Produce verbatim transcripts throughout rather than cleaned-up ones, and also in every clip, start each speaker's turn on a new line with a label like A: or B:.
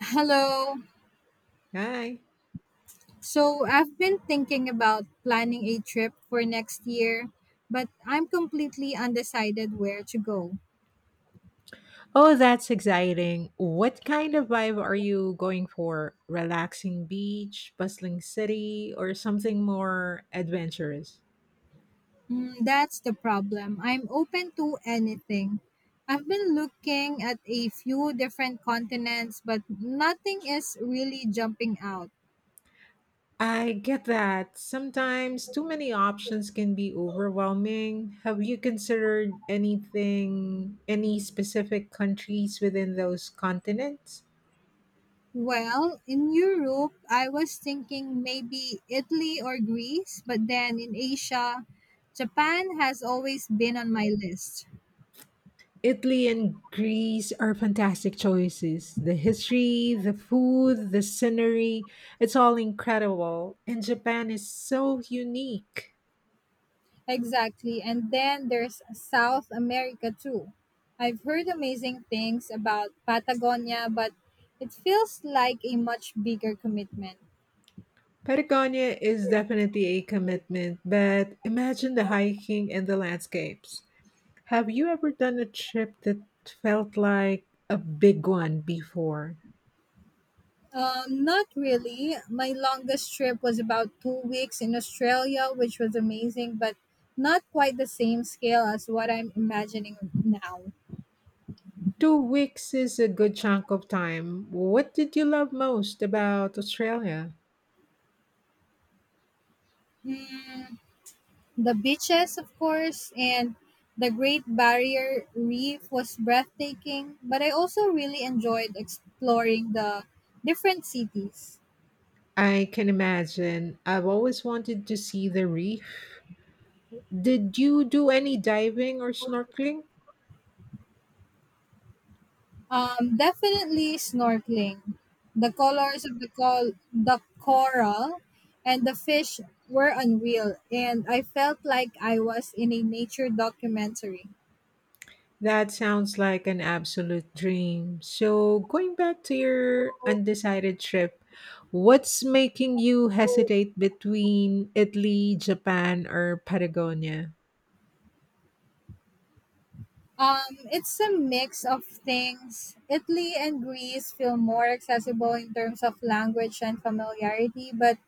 A: Hello.
B: Hi.
A: So I've been thinking about planning a trip for next year, but I'm completely undecided where to go.
B: Oh, that's exciting. What kind of vibe are you going for? Relaxing beach, bustling city, or something more adventurous?
A: Mm, that's the problem. I'm open to anything. I've been looking at a few different continents, but nothing is really jumping out.
B: I get that. Sometimes too many options can be overwhelming. Have you considered anything, any specific countries within those continents?
A: Well, in Europe, I was thinking maybe Italy or Greece, but then in Asia, Japan has always been on my list.
B: Italy and Greece are fantastic choices. The history, the food, the scenery, it's all incredible. And Japan is so unique.
A: Exactly. And then there's South America too. I've heard amazing things about Patagonia, but it feels like a much bigger commitment.
B: Patagonia is definitely a commitment, but imagine the hiking and the landscapes. Have you ever done a trip that felt like a big one before?
A: Um, not really. My longest trip was about two weeks in Australia, which was amazing, but not quite the same scale as what I'm imagining now.
B: Two weeks is a good chunk of time. What did you love most about Australia?
A: Hmm. The beaches, of course, and the Great Barrier Reef was breathtaking, but I also really enjoyed exploring the different cities.
B: I can imagine. I've always wanted to see the reef. Did you do any diving or snorkeling?
A: Um, definitely snorkeling. The colors of the, col- The coral and the fish were unreal, and I felt like I was in a nature documentary.
B: That sounds like an absolute dream. So, going back to your undecided trip, what's making you hesitate between Italy, Japan, or Patagonia?
A: Um, it's a mix of things. Italy and Greece feel more accessible in terms of language and familiarity, but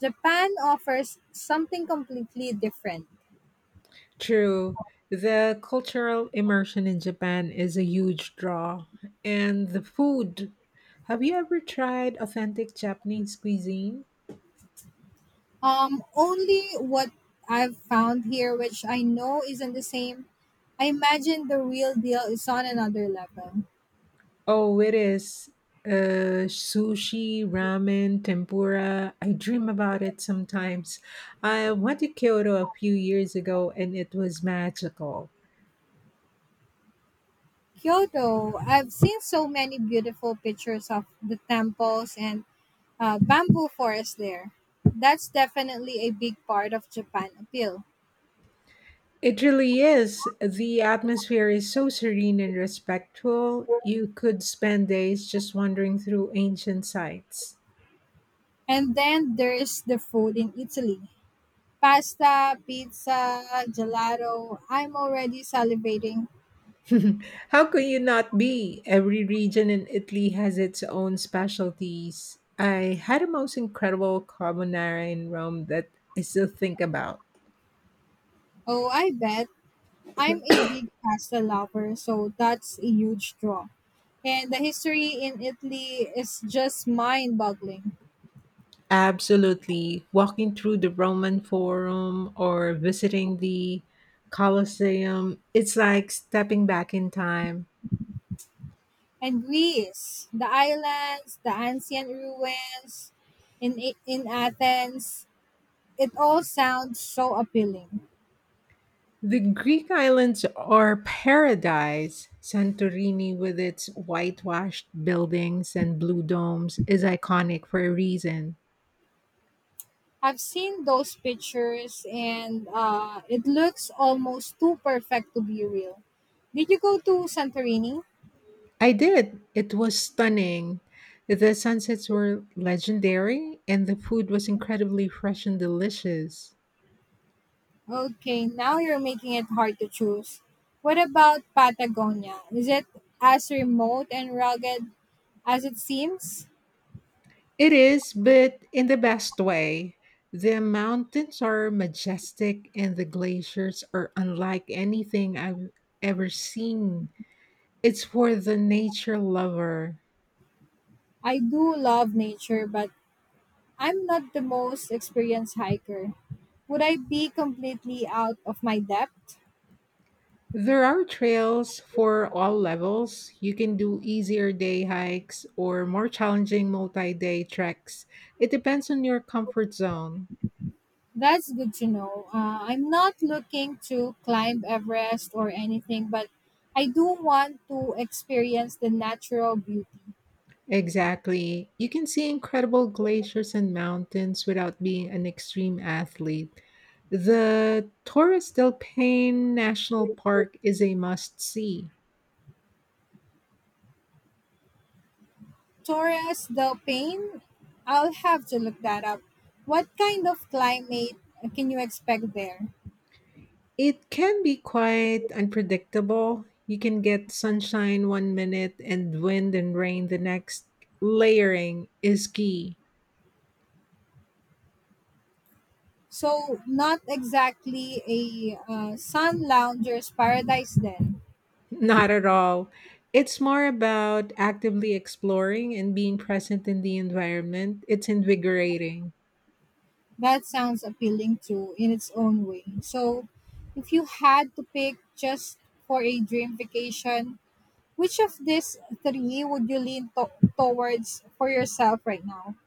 A: Japan offers something completely different.
B: True. The cultural immersion in Japan is a huge draw. And the food. Have you ever tried authentic Japanese cuisine?
A: Um, only what I've found here, which I know isn't the same. I imagine the real deal is on another level.
B: Oh, it is. Uh, sushi, ramen, tempura. I dream about it sometimes. I went to Kyoto a few years ago and it was magical.
A: Kyoto, I've seen so many beautiful pictures of the temples and uh, bamboo forests there. That's definitely a big part of Japan appeal.
B: It really is. The atmosphere is so serene and respectful. You could spend days just wandering through ancient sites.
A: And then there's the food in Italy. Pasta, pizza, gelato. I'm already salivating.
B: How could you not be? Every region in Italy has its own specialties. I had the most incredible carbonara in Rome that I still think about.
A: Oh, I bet. I'm a big pasta lover, so that's a huge draw. And the history in Italy is just mind boggling.
B: Absolutely. Walking through the Roman Forum or visiting the Colosseum, it's like stepping back in time.
A: And Greece, the islands, the ancient ruins in, A- in Athens, it all sounds so appealing.
B: The Greek islands are paradise. Santorini, with its whitewashed buildings and blue domes, is iconic for a reason.
A: I've seen those pictures, and uh, it looks almost too perfect to be real. Did you go to Santorini?
B: I did. It was stunning. The sunsets were legendary, and the food was incredibly fresh and delicious.
A: Okay, now you're making it hard to choose. What about Patagonia? Is it as remote and rugged as it seems?
B: It is, but in the best way. The mountains are majestic, and the glaciers are unlike anything I've ever seen. It's for the nature lover.
A: I do love nature, but I'm not the most experienced hiker. Would I be completely out of my depth?
B: There are trails for all levels. You can do easier day hikes or more challenging multi day treks. It depends on your comfort zone.
A: That's good to know. Uh, I'm not looking to climb Everest or anything, but I do want to experience the natural beauty.
B: Exactly. You can see incredible glaciers and mountains without being an extreme athlete. The Torres del Paine National Park is a must see.
A: Torres del Paine, I'll have to look that up. What kind of climate can you expect there?
B: It can be quite unpredictable. You can get sunshine one minute and wind and rain the next. Layering is key.
A: So, not exactly a uh, sun lounger's paradise, then.
B: Not at all. It's more about actively exploring and being present in the environment. It's invigorating.
A: That sounds appealing too in its own way. So, if you had to pick just for a dream vacation, which of these three would you lean to- towards for yourself right now?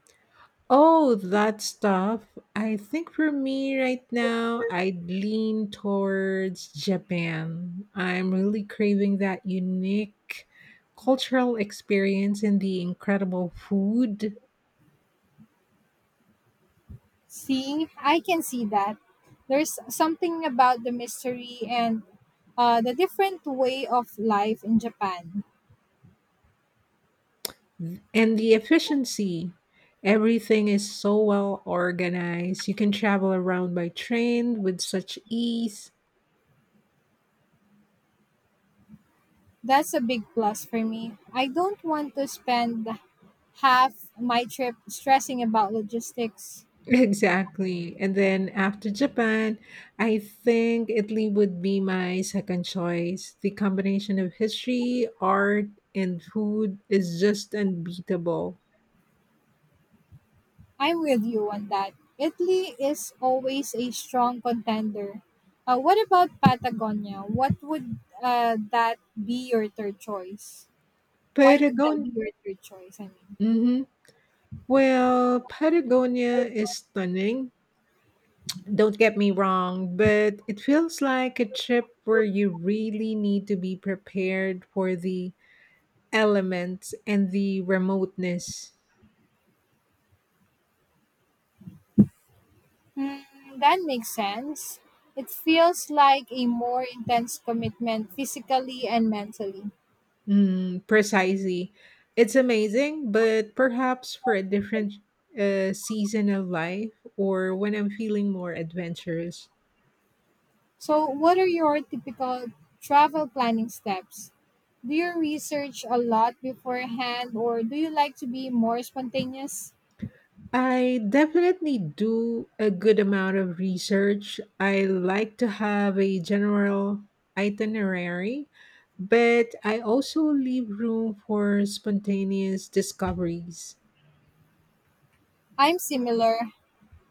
B: Oh, that stuff. I think for me right now, I'd lean towards Japan. I'm really craving that unique cultural experience and the incredible food
A: See, I can see that. There's something about the mystery and uh, the different way of life in Japan.
B: and the efficiency. Everything is so well organized. You can travel around by train with such ease.
A: That's a big plus for me. I don't want to spend half my trip stressing about logistics.
B: Exactly. And then after Japan, I think Italy would be my second choice. The combination of history, art, and food is just unbeatable.
A: I'm with you on that. Italy is always a strong contender. Uh, what about Patagonia? What would uh, that be your third choice? Why would that
B: Patagon-
A: be your third choice? I mean,
B: hmm Well, Patagonia is stunning. Don't get me wrong, but it feels like a trip where you really need to be prepared for the elements and the remoteness.
A: hmm, that makes sense. It feels like a more intense commitment physically and mentally.
B: Mm, precisely. It's amazing, but perhaps for a different uh, season of life or when I'm feeling more adventurous.
A: So, what are your typical travel planning steps? Do you research a lot beforehand, or do you like to be more spontaneous?
B: I definitely do a good amount of research. I like to have a general itinerary, but I also leave room for spontaneous discoveries.
A: I'm similar.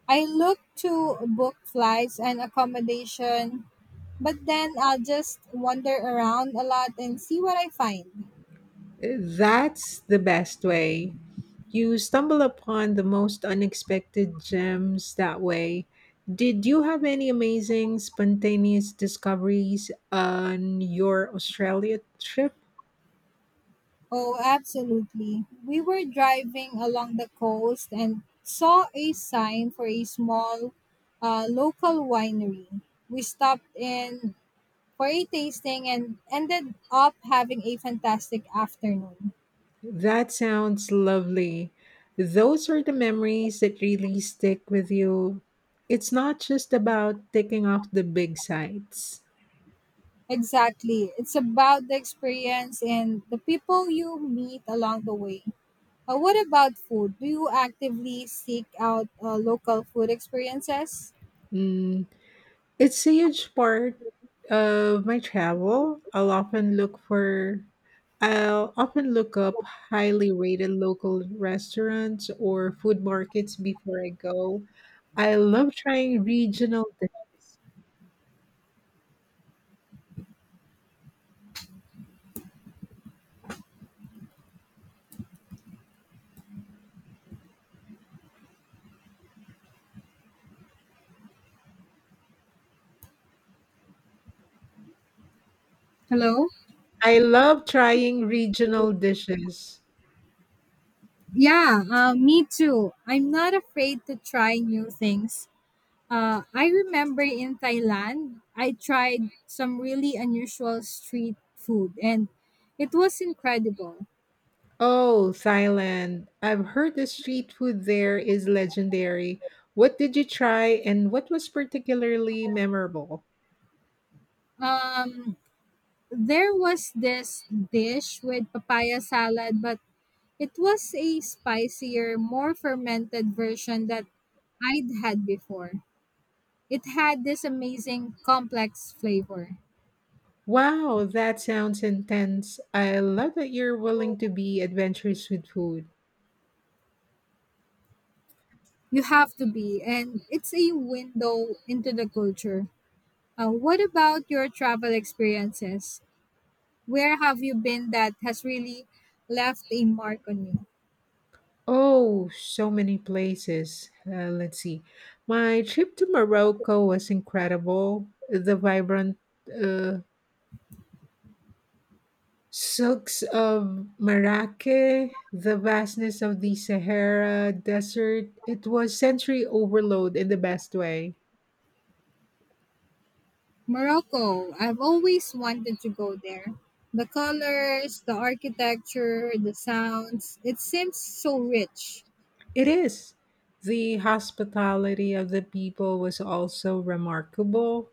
A: I look to book flights and accommodation, but then I'll just wander around a lot and see what I find.
B: That's the best way. You stumble upon the most unexpected gems that way. Did you have any amazing spontaneous discoveries on your Australia trip?
A: Oh, absolutely. We were driving along the coast and saw a sign for a small, uh, local winery. We stopped in for a tasting and ended up having a fantastic afternoon.
B: That sounds lovely. Those are the memories that really stick with you. It's not just about ticking off the big sites.
A: Exactly. It's about the experience and the people you meet along the way. Uh, what about food? Do you actively seek out uh, local food experiences?
B: Mm, It's a huge part of my travel. I'll often look for I'll often look up highly rated local restaurants or food markets before I go. I love trying regional dishes.
A: Hello?
B: I love trying regional dishes.
A: Yeah, uh, me too. I'm not afraid to try new things. Uh, I remember in Thailand, I tried some really unusual street food, and it was incredible.
B: Oh, Thailand. I've heard the street food there is legendary. What did you try and what was particularly memorable?
A: Um, there was this dish with papaya salad, but it was a spicier, more fermented version that I'd had before. It had this amazing complex flavor.
B: Wow, that sounds intense. I love that you're willing to be adventurous with food.
A: You have to be, and it's a window into the culture. Uh, what about your travel experiences? Where have you been that has really left a mark on you?
B: Oh, so many places. Uh, let's see. My trip to Morocco was incredible. The vibrant uh, silks of Marrakech, the vastness of the Sahara Desert. It was sensory overload in the best way.
A: Morocco. I've always wanted to go there. The colors, the architecture, the sounds, it seems so rich.
B: It is. The hospitality of the people was also remarkable.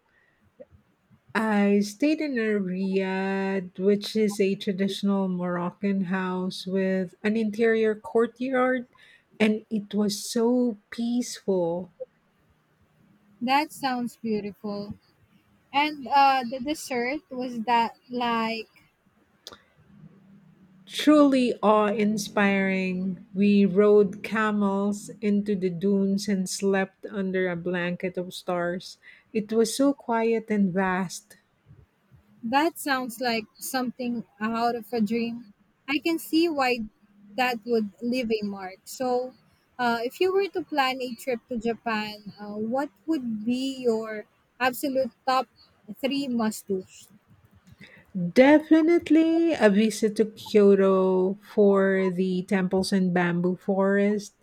B: I stayed in a riad, which is a traditional Moroccan house with an interior courtyard, and it was so peaceful.
A: That sounds beautiful. And uh, the dessert, was that like—
B: Truly awe inspiring. We rode camels into the dunes and slept under a blanket of stars. It was so quiet and vast.
A: That sounds like something out of a dream. I can see why that would leave a mark. So, uh, if you were to plan a trip to Japan, uh, what would be your absolute top three must do's?
B: Definitely a visit to Kyoto for the temples and bamboo forest.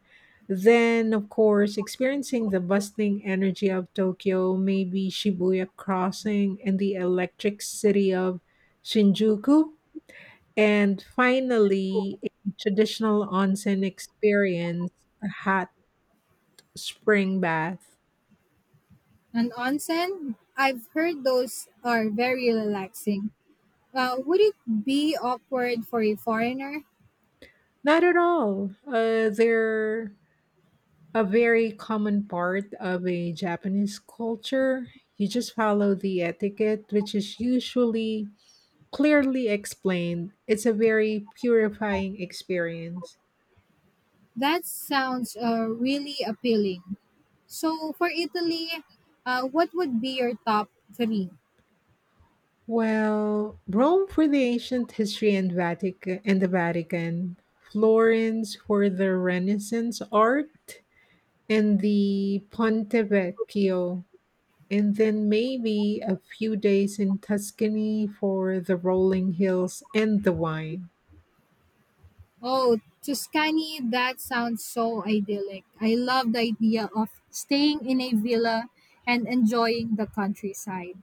B: Then, of course, experiencing the bustling energy of Tokyo, maybe Shibuya Crossing and the electric city of Shinjuku. And finally, a traditional onsen experience, a hot spring bath.
A: An onsen? I've heard those are very relaxing. Uh, would it be awkward for a foreigner?
B: Not at all. Uh, they're a very common part of a Japanese culture. You just follow the etiquette, which is usually clearly explained. It's a very purifying experience.
A: That sounds uh, really appealing. So, for Italy, uh, what would be your top three?
B: Well, Rome for the ancient history and Vatican and the Vatican, Florence for the Renaissance art, and the Ponte Vecchio, and then maybe a few days in Tuscany for the rolling hills and the wine.
A: Oh, Tuscany, that sounds so idyllic. I love the idea of staying in a villa and enjoying the countryside.